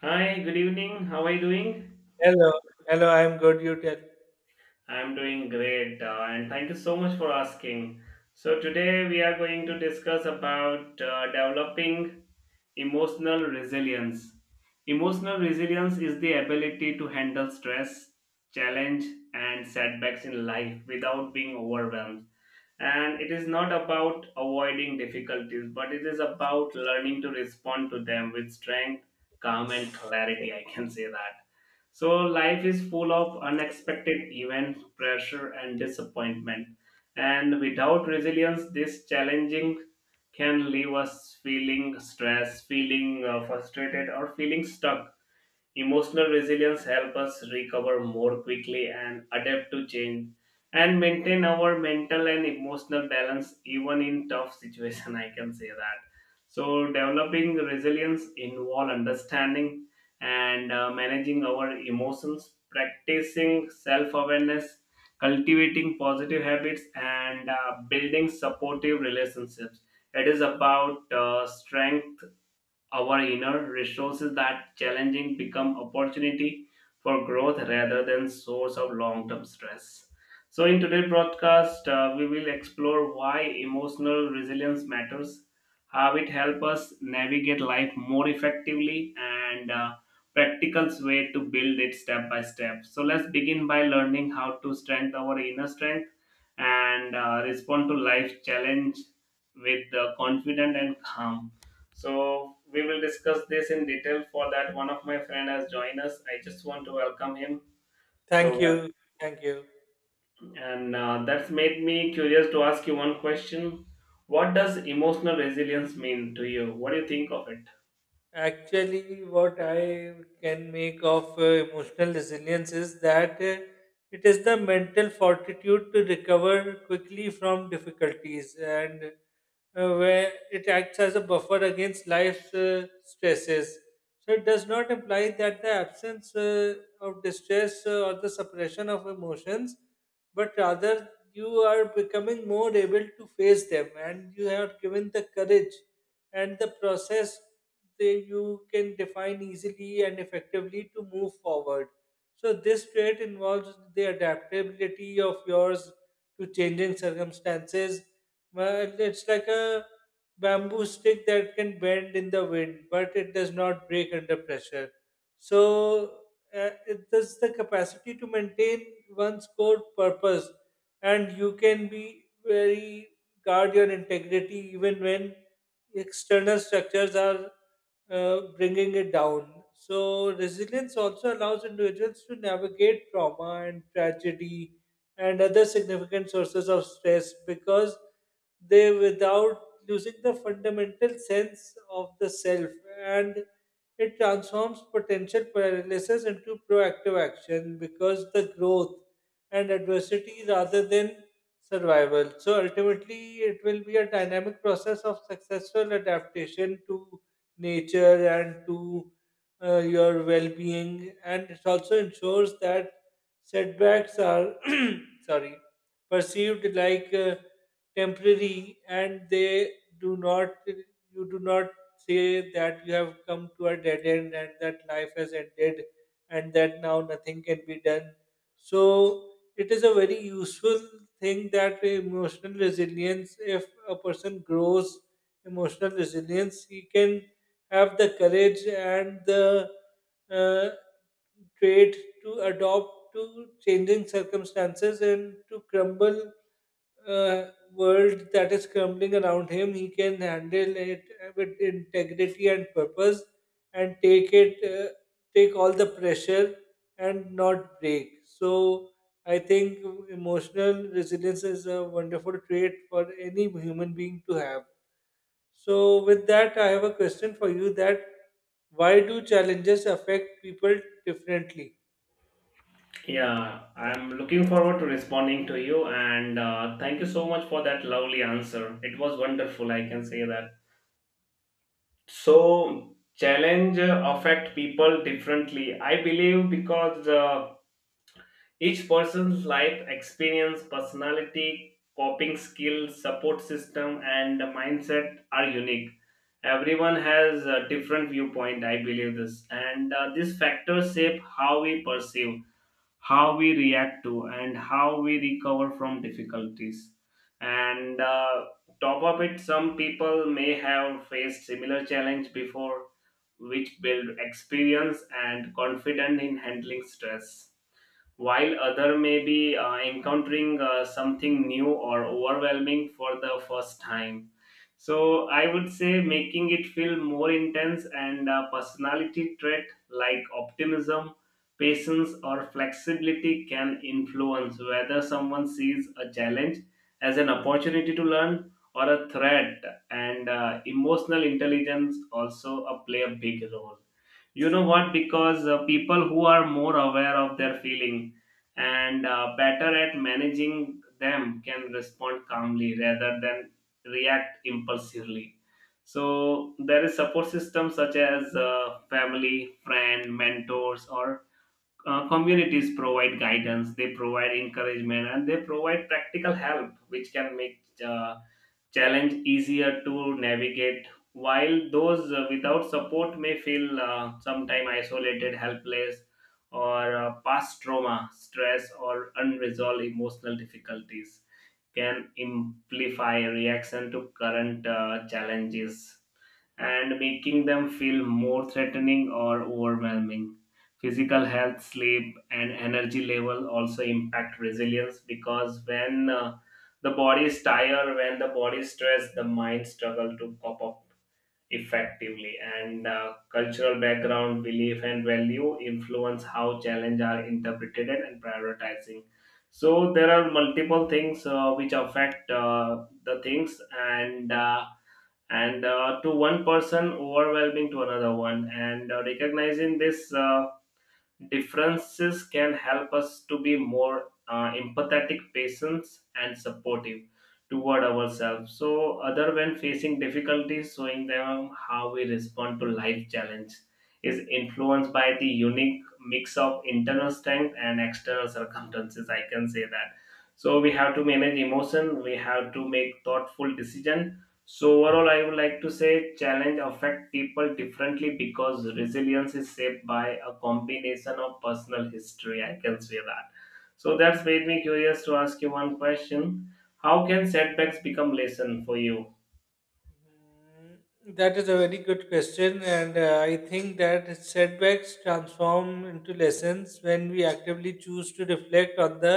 Hi, good evening. How are you doing? Hello, hello. I'm good. You tell. I'm doing great, and thank you so much for asking. So, today we are going to discuss about developing emotional resilience. Emotional resilience is the ability to handle stress, challenge, and setbacks in life without being overwhelmed. And it is not about avoiding difficulties, but it is about learning to respond to them with strength, calm and clarity, I can say that. So life is full of unexpected events, pressure and disappointment, and without resilience this challenging can leave us feeling stressed, feeling frustrated or feeling stuck. Emotional resilience helps us recover more quickly and adapt to change and maintain our mental and emotional balance even in tough situation, I can say that. So developing resilience involve understanding and managing our emotions, practicing self-awareness, cultivating positive habits and building supportive relationships. It is about strength our inner resources that challenging become opportunity for growth rather than source of long-term stress. So in today's broadcast we will explore why emotional resilience matters, how it helps us navigate life more effectively, and practical way to build it step by step. So let's begin by learning how to strengthen our inner strength and respond to life challenge with confident and calm. So we will discuss this in detail. For that, one of my friend has joined us. I just want to welcome him. Thank So, you. Thank you. and that's made me curious to ask you one question. What does emotional resilience mean to you? What do you think of it? Actually, what I can make of emotional resilience is that it is the mental fortitude to recover quickly from difficulties and where it acts as a buffer against life's stresses. So it does not imply that the absence of distress or the suppression of emotions, but rather you are becoming more able to face them and you are given the courage and the process they you can define easily and effectively to move forward. So this trait involves the adaptability of yours to changing circumstances. Well, it's like a bamboo stick that can bend in the wind, but it does not break under pressure. So it does the capacity to maintain one's core purpose, and you can be very guard your integrity even when external structures are bringing it down. So, resilience also allows individuals to navigate trauma and tragedy and other significant sources of stress because they, without losing the fundamental sense of the self, and it transforms potential paralysis into proactive action because the growth and adversity rather than survival. So, ultimately, it will be a dynamic process of successful adaptation to nature and to your well-being, and it also ensures that setbacks are sorry perceived like temporary, and they do not say that you have come to a dead end and that life has ended and that now nothing can be done. So it is a very useful thing that emotional resilience, if a person grows emotional resilience, he can have the courage and the uh, trait to adopt to changing circumstances and to crumble uh, world that is crumbling around him. He can handle it with integrity and purpose, and take it, take all the pressure and not break. So I think emotional resilience is a wonderful trait for any human being to have. So, with that, I have a question for you that why do challenges affect people differently? Yeah, I'm looking forward to responding to you, and thank you so much for that lovely answer. It was wonderful, I can say that. So, challenge affect people differently. I believe, because each person's life experience, personality, coping skills, support system, and mindset are unique. Everyone has a different viewpoint, I believe this. And these factors shape how we perceive, how we react to, and how we recover from difficulties. And top of it, some people may have faced similar challenge before, which build experience and confidence in handling stress, while other may be encountering something new or overwhelming for the first time. So I would say, making it feel more intense, and a personality trait like optimism, patience or flexibility can influence whether someone sees a challenge as an opportunity to learn or a threat. And emotional intelligence also play a big role, you know what, because people who are more aware of their feeling and better at managing them can respond calmly rather than react impulsively. So there is support systems such as family, friend, mentors or communities provide guidance, they provide encouragement and they provide practical help, which can make uh, challenge easier to navigate, while those without support may feel sometimes isolated, helpless, or past trauma, stress, or unresolved emotional difficulties can amplify reaction to current challenges, and making them feel more threatening or overwhelming. Physical health, sleep, and energy level also impact resilience, because when the body is tired, when the body is stressed, the mind struggle to cope up effectively. And cultural background, belief, and value influence how challenge are interpreted and prioritizing. So there are multiple things which affect the things and. And to one person overwhelming to another one, and recognizing these differences can help us to be more empathetic, patient and supportive toward ourselves so other when facing difficulties, showing them how we respond to life challenge is influenced by the unique mix of internal strength and external circumstances, I can say that. So we have to manage emotion, we have to make thoughtful decision. So overall, I would like to say challenge affect people differently because resilience is shaped by a combination of personal history. I can say that. So that's made me curious to ask you one question. How can setbacks become lesson for you? Mm, that is a very good question, and I think that setbacks transform into lessons when we actively choose to reflect on the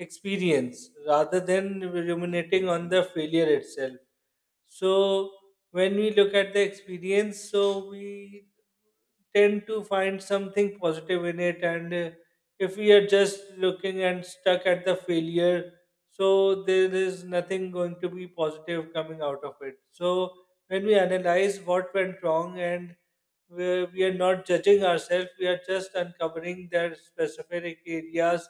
experience rather than ruminating on the failure itself. So, when we look at the experience, so we tend to find something positive in it, and if we are just looking and stuck at the failure, so there is nothing going to be positive coming out of it. So when we analyze what went wrong and we are not judging ourselves, we are just uncovering their specific areas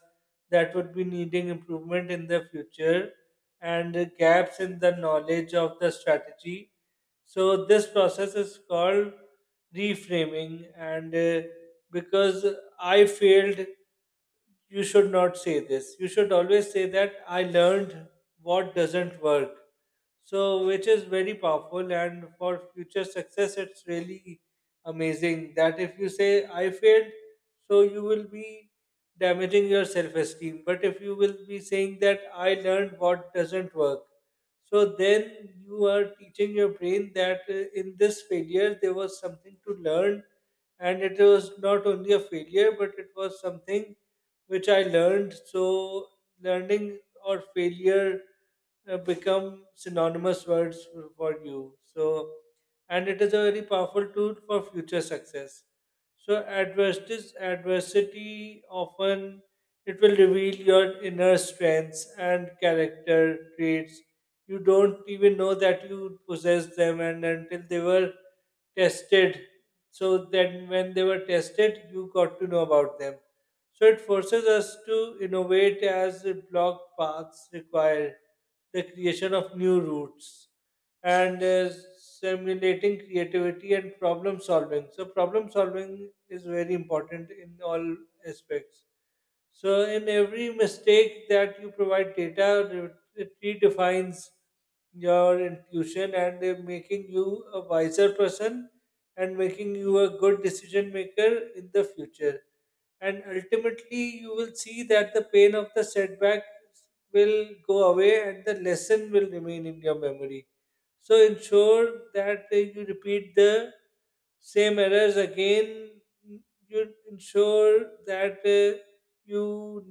that would be needing improvement in the future, and gaps in the knowledge of the strategy. So this process is called reframing, and because I failed, you should not say this. You should always say that I learned what doesn't work. So, which is very powerful, and for future success, it's really amazing that if you say I failed, so you will be damaging your self esteem. But if you will be saying that I learned what doesn't work, so then you are teaching your brain that in this failure there was something to learn, and it was not only a failure, but it was something which I learned. So learning or failure become synonymous words for you. So, and it is a very powerful tool for future success. So, adversity often it will reveal your inner strengths and character traits. You don't even know that you possess them, and until they were tested. So then, when they were tested, you got to know about them. So it forces us to innovate as block paths require the creation of new routes and simulating creativity and problem solving. So problem solving is very important in all aspects. So in every mistake that you provide data, it redefines your intuition, and making you a wiser person and making you a good decision maker in the future. And ultimately you will see that the pain of the setback will go away and the lesson will remain in your memory. So ensure that you repeat the same errors again. You ensure that you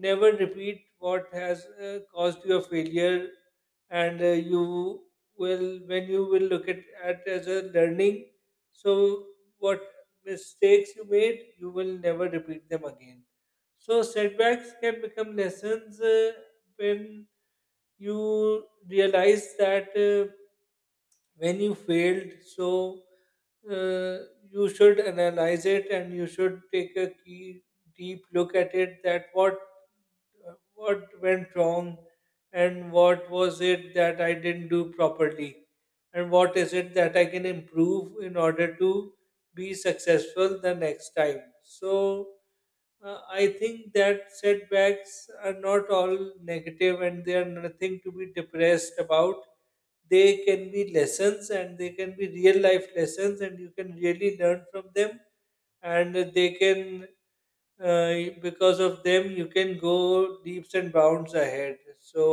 never repeat what has caused your failure, and you will when you will look at as a learning, so what mistakes you made, you will never repeat them again. So setbacks can become lessons when you realize that when you failed, so you should analyze it and you should take a key deep look at it that what went wrong, and what was it that I didn't do properly, and what is it that I can improve in order to be successful the next time. So I think that setbacks are not all negative and they are nothing to be depressed about. They can be lessons and they can be real life lessons and you can really learn from them, and they can uh, because of them you can go leaps and bounds ahead. So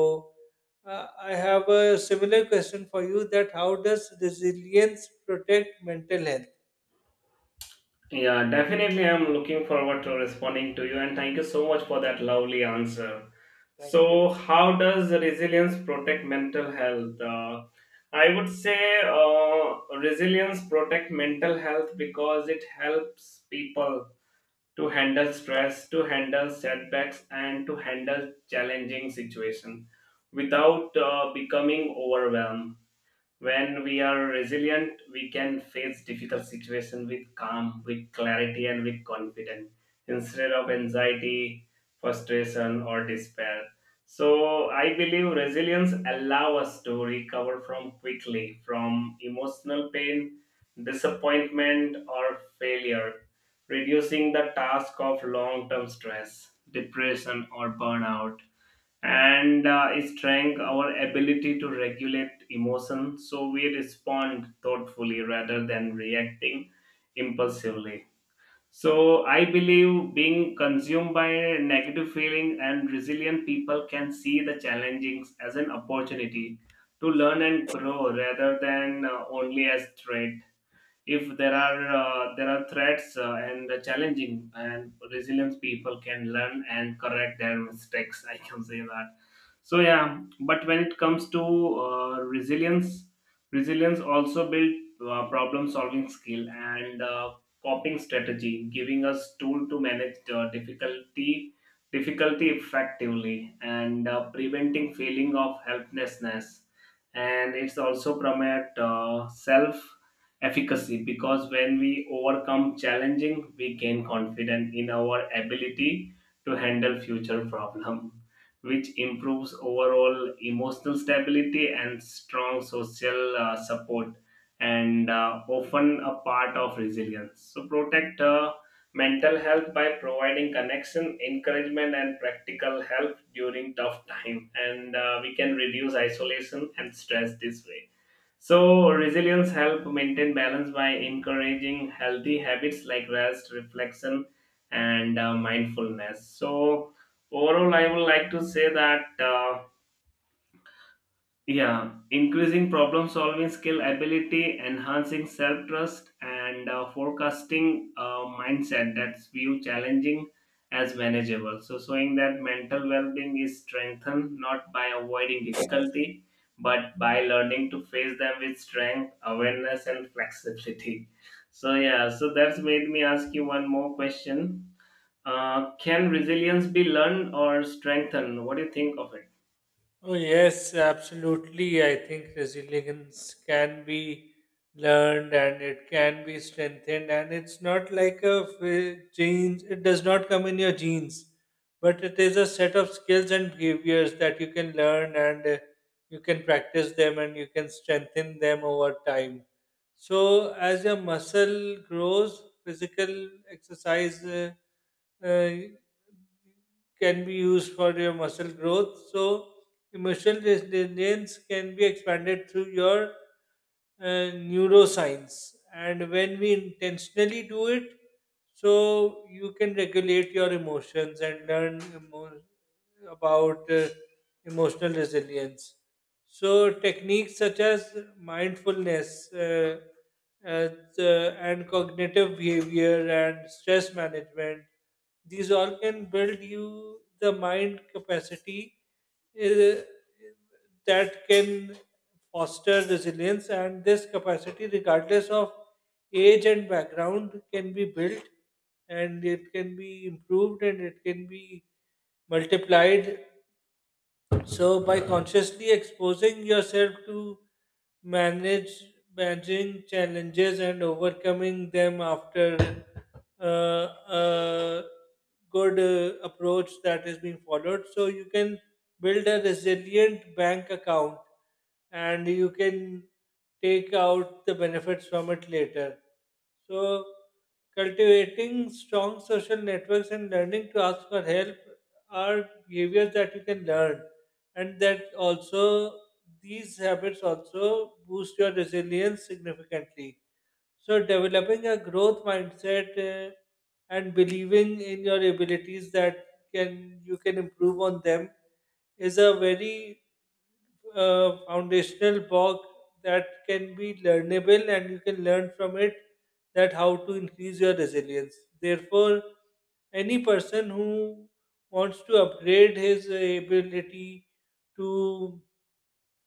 I have a similar question for you that how does resilience protect mental health? Yeah, definitely. I'm looking forward to responding to you, and thank you so much for that lovely answer. Thank you. So, how does resilience protect mental health? I would say resilience protect mental health because it helps people to handle stress, to handle setbacks, and to handle challenging situations without becoming overwhelmed. When we are resilient, we can face difficult situation with calm, with clarity and with confidence instead of anxiety, frustration or despair. So I believe resilience allow us to recover from quickly from emotional pain, disappointment or failure, reducing the task of long term stress, depression or burnout, and strength our ability to regulate emotion so we respond thoughtfully rather than reacting impulsively. So I believe being consumed by negative feeling, and resilient people can see the challenges as an opportunity to learn and grow rather than only as threat. If there are threats and challenging, and resilient people can learn and correct their mistakes, I can say that. So yeah, but when it comes to resilience, resilience also build problem solving skill and coping strategy, giving us tool to manage difficulty effectively, and preventing feeling of helplessness. And it's also promote self efficacy, because when we overcome challenging, we gain confidence in our ability to handle future problem, which improves overall emotional stability. And strong social support and often a part of resilience so protect mental health by providing connection, encouragement and practical help during tough time, and we can reduce isolation and stress this way. So resilience help maintain balance by encouraging healthy habits like rest, reflection, and mindfulness. So overall, I would like to say that. Yeah, increasing problem solving skill ability, enhancing self trust, and forecasting mindset that's view challenging as manageable. So, showing that mental well being is strengthened not by avoiding difficulty but by learning to face them with strength, awareness, and flexibility. So, yeah, so that's made me ask you one more question. Can resilience be learned or strengthened? What do you think of it? Oh, yes, absolutely. I think resilience can be learned and it can be strengthened, and it's not like a genes, it does not come in your genes, but it is a set of skills and behaviors that you can learn and you can practice them and you can strengthen them over time. So, as your muscle grows, physical exercise. Uh, can be used for your muscle growth. So, emotional resilience can be expanded through your neuroscience. And when we intentionally do it, so you can regulate your emotions and learn about emotional resilience. So, techniques such as mindfulness as, and cognitive behavior and stress management, these all can build you the mind capacity eh, that can foster resilience, and this capacity regardless of age and background can be built and it can be improved and it can be multiplied. So by consciously exposing yourself to manage managing challenges and overcoming them after uh, a good approach that is being followed, so you can build a resilient bank account and you can take out the benefits from it later. So, cultivating strong social networks and learning to ask for help are behaviors that you can learn, and that also these habits also boost your resilience significantly. So, developing a growth mindset and believing in your abilities that can you can improve on them is a very foundational block that can be learnable and you can learn from it that how to increase your resilience. Therefore, any person who wants to upgrade his ability to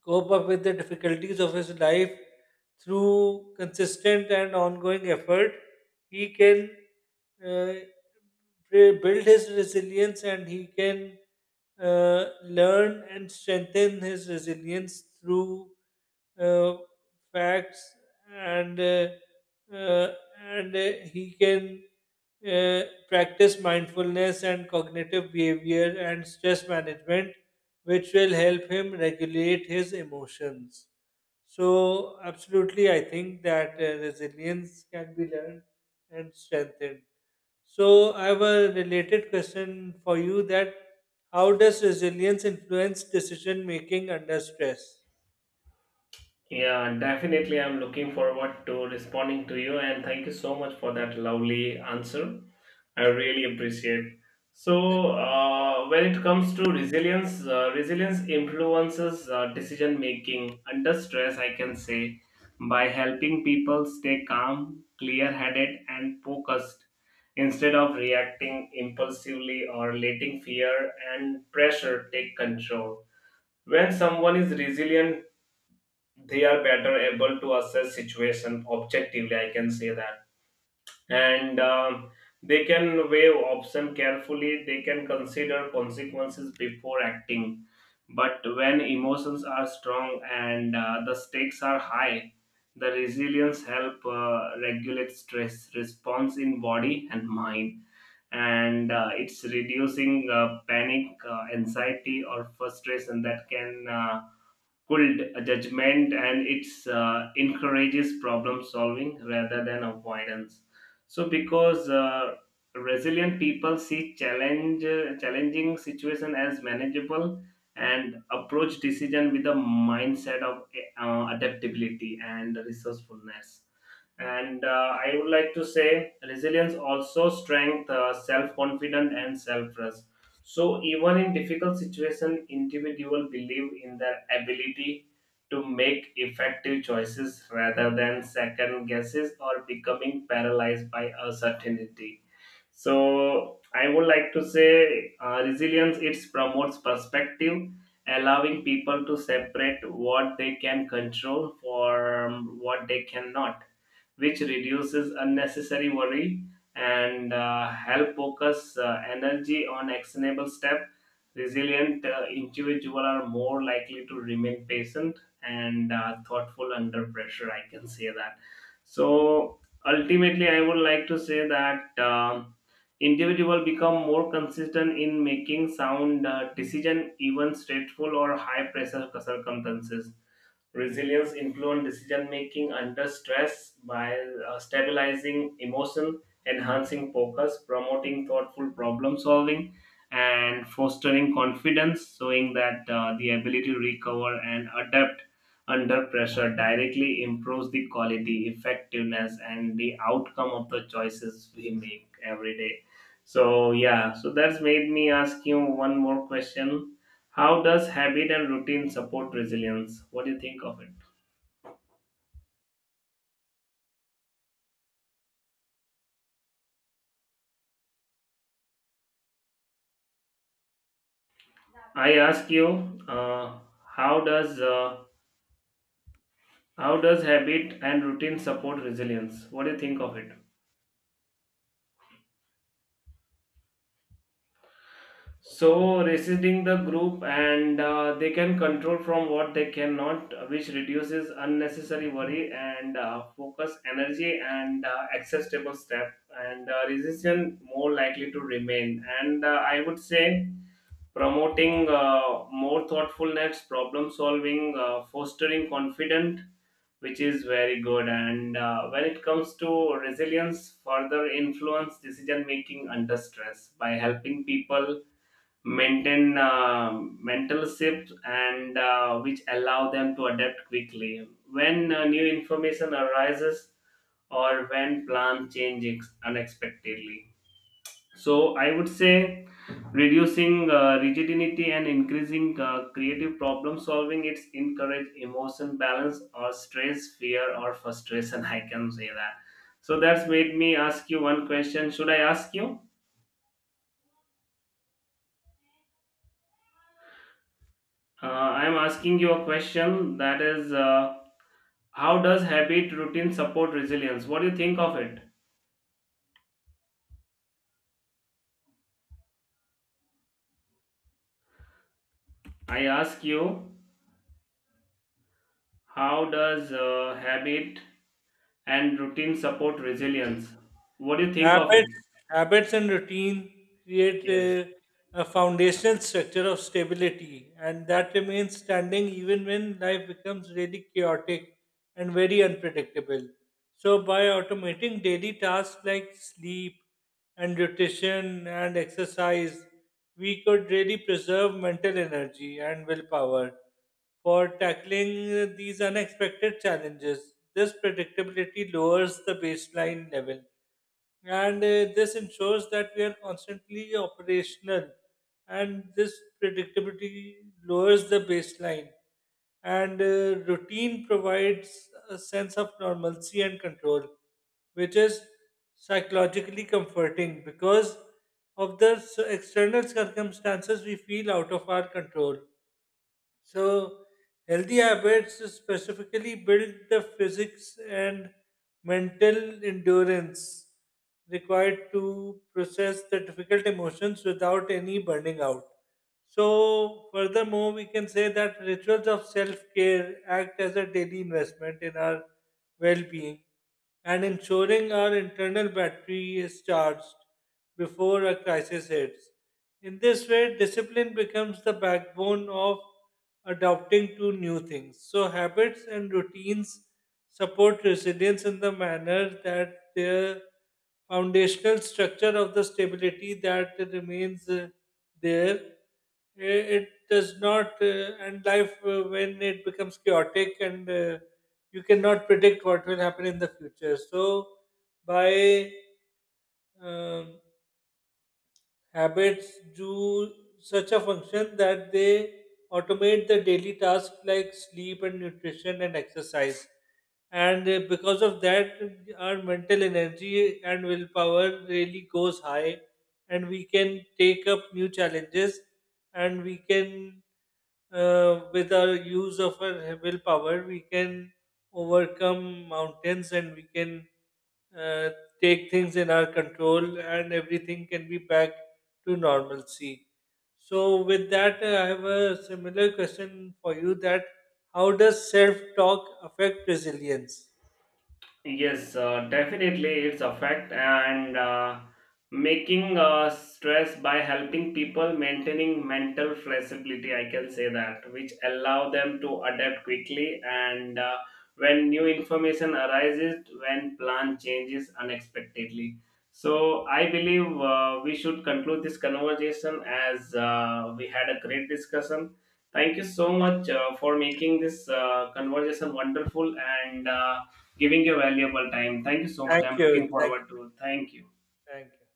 cope up with the difficulties of his life through consistent and ongoing effort, he can uh, build his resilience and he can learn and strengthen his resilience through uh, facts and uh, uh, and he can uh, practice mindfulness and cognitive behavior and stress management, which will help him regulate his emotions. So, absolutely, I think that resilience can be learned and strengthened. So, I have a related question for you that how does resilience influence decision making under stress? Yeah, definitely. I'm looking forward to responding to you, and thank you so much for that lovely answer. I really appreciate. Thank So, you. When it comes to resilience, resilience influences decision making under stress. I can say, by helping people stay calm, clear-headed, and focused instead of reacting impulsively or letting fear and pressure take control. When someone is resilient, they are better able to assess situation objectively, I can say that. And they can weigh option carefully, they can consider consequences before acting. But when emotions are strong and the stakes are high, the resilience help regulate stress response in body and mind, and it's reducing panic, anxiety or frustration that can cooled judgment, and it encourages problem solving rather than avoidance. So because resilient people see challenge, challenging situation as manageable, and approach decision with a mindset of adaptability and resourcefulness. And I would like to say resilience also strength, self-confidence, and self-trust. So even in difficult situation, individual believe in their ability to make effective choices rather than second guesses or becoming paralyzed by uncertainty. So I would like to say resilience, it promotes perspective, allowing people to separate what they can control from what they cannot, which reduces unnecessary worry and help focus energy on actionable step. Resilient individual are more likely to remain patient and thoughtful under pressure, I can say that. So ultimately, I would like to say that, individual become more consistent in making sound decision even stressful or high pressure circumstances. Resilience includes decision making under stress by stabilizing emotion, enhancing focus, promoting thoughtful problem solving, and fostering confidence, showing that the ability to recover and adapt under pressure directly improves the quality, effectiveness, and the outcome of the choices we make every day. So, yeah, so that's made me ask you one more question. How does habit and routine support resilience? What do you think of it? I ask you, how does uh, how does habit and routine support resilience? What do you think of it? So resisting the group, and they can control from what they cannot, which reduces unnecessary worry and focus energy and acceptable step, and resistance more likely to remain. And I would say promoting more thoughtfulness, problem solving, fostering confidence, which is very good. And when it comes to resilience, further influence decision making under stress by helping people maintain mental shifts and which allow them to adapt quickly when new information arises or when plan changes unexpectedly. So I would say reducing rigidity and increasing creative problem solving, it's encourage emotion balance or stress, fear or frustration, I can say that. So that's made me ask you one question, should I ask you, I'm asking you a question that is, how does habit routine support resilience? What do you think of it? I ask you, how does habit and routine support resilience? What do you think of Habits, it? habits and routine create Yes. A foundational structure of stability, and that remains standing even when life becomes really chaotic and very unpredictable. So, by automating daily tasks like sleep and nutrition and exercise, we could really preserve mental energy and willpower for tackling these unexpected challenges. This predictability lowers the baseline level and this ensures that we are constantly operational, and this predictability lowers the baseline, and routine provides a sense of normalcy and control which is psychologically comforting because of the external circumstances we feel out of our control. So, healthy habits specifically build the physics and mental endurance required to process the difficult emotions without any burning out. So, furthermore, we can say that rituals of self care act as a daily investment in our well being, and ensuring our internal battery is charged before a crisis hits. In this way, discipline becomes the backbone of adapting to new things. So, habits and routines support resilience in the manner that their foundational structure of the stability that remains there. It does not, and life when it becomes chaotic and you cannot predict what will happen in the future. So, by um, habits do such a function that they automate the daily tasks like sleep and nutrition and exercise. And because of that, our mental energy and willpower really goes high, and we can take up new challenges and we can with our use of our willpower, we can overcome mountains and we can uh, take things in our control, and everything can be back to normalcy. So, with that, I have a similar question for you that how does self talk affect resilience? Yes, definitely it's a fact, and making stress by helping people maintaining mental flexibility, I can say that, which allow them to adapt quickly and when new information arises, when plan changes unexpectedly. So I believe we should conclude this conversation as we had a great discussion. Thank you so much for making this conversation wonderful, and giving your valuable time. Thank you so much. Thank I'm looking you. Thank you. forward to it. Thank you. Thank you.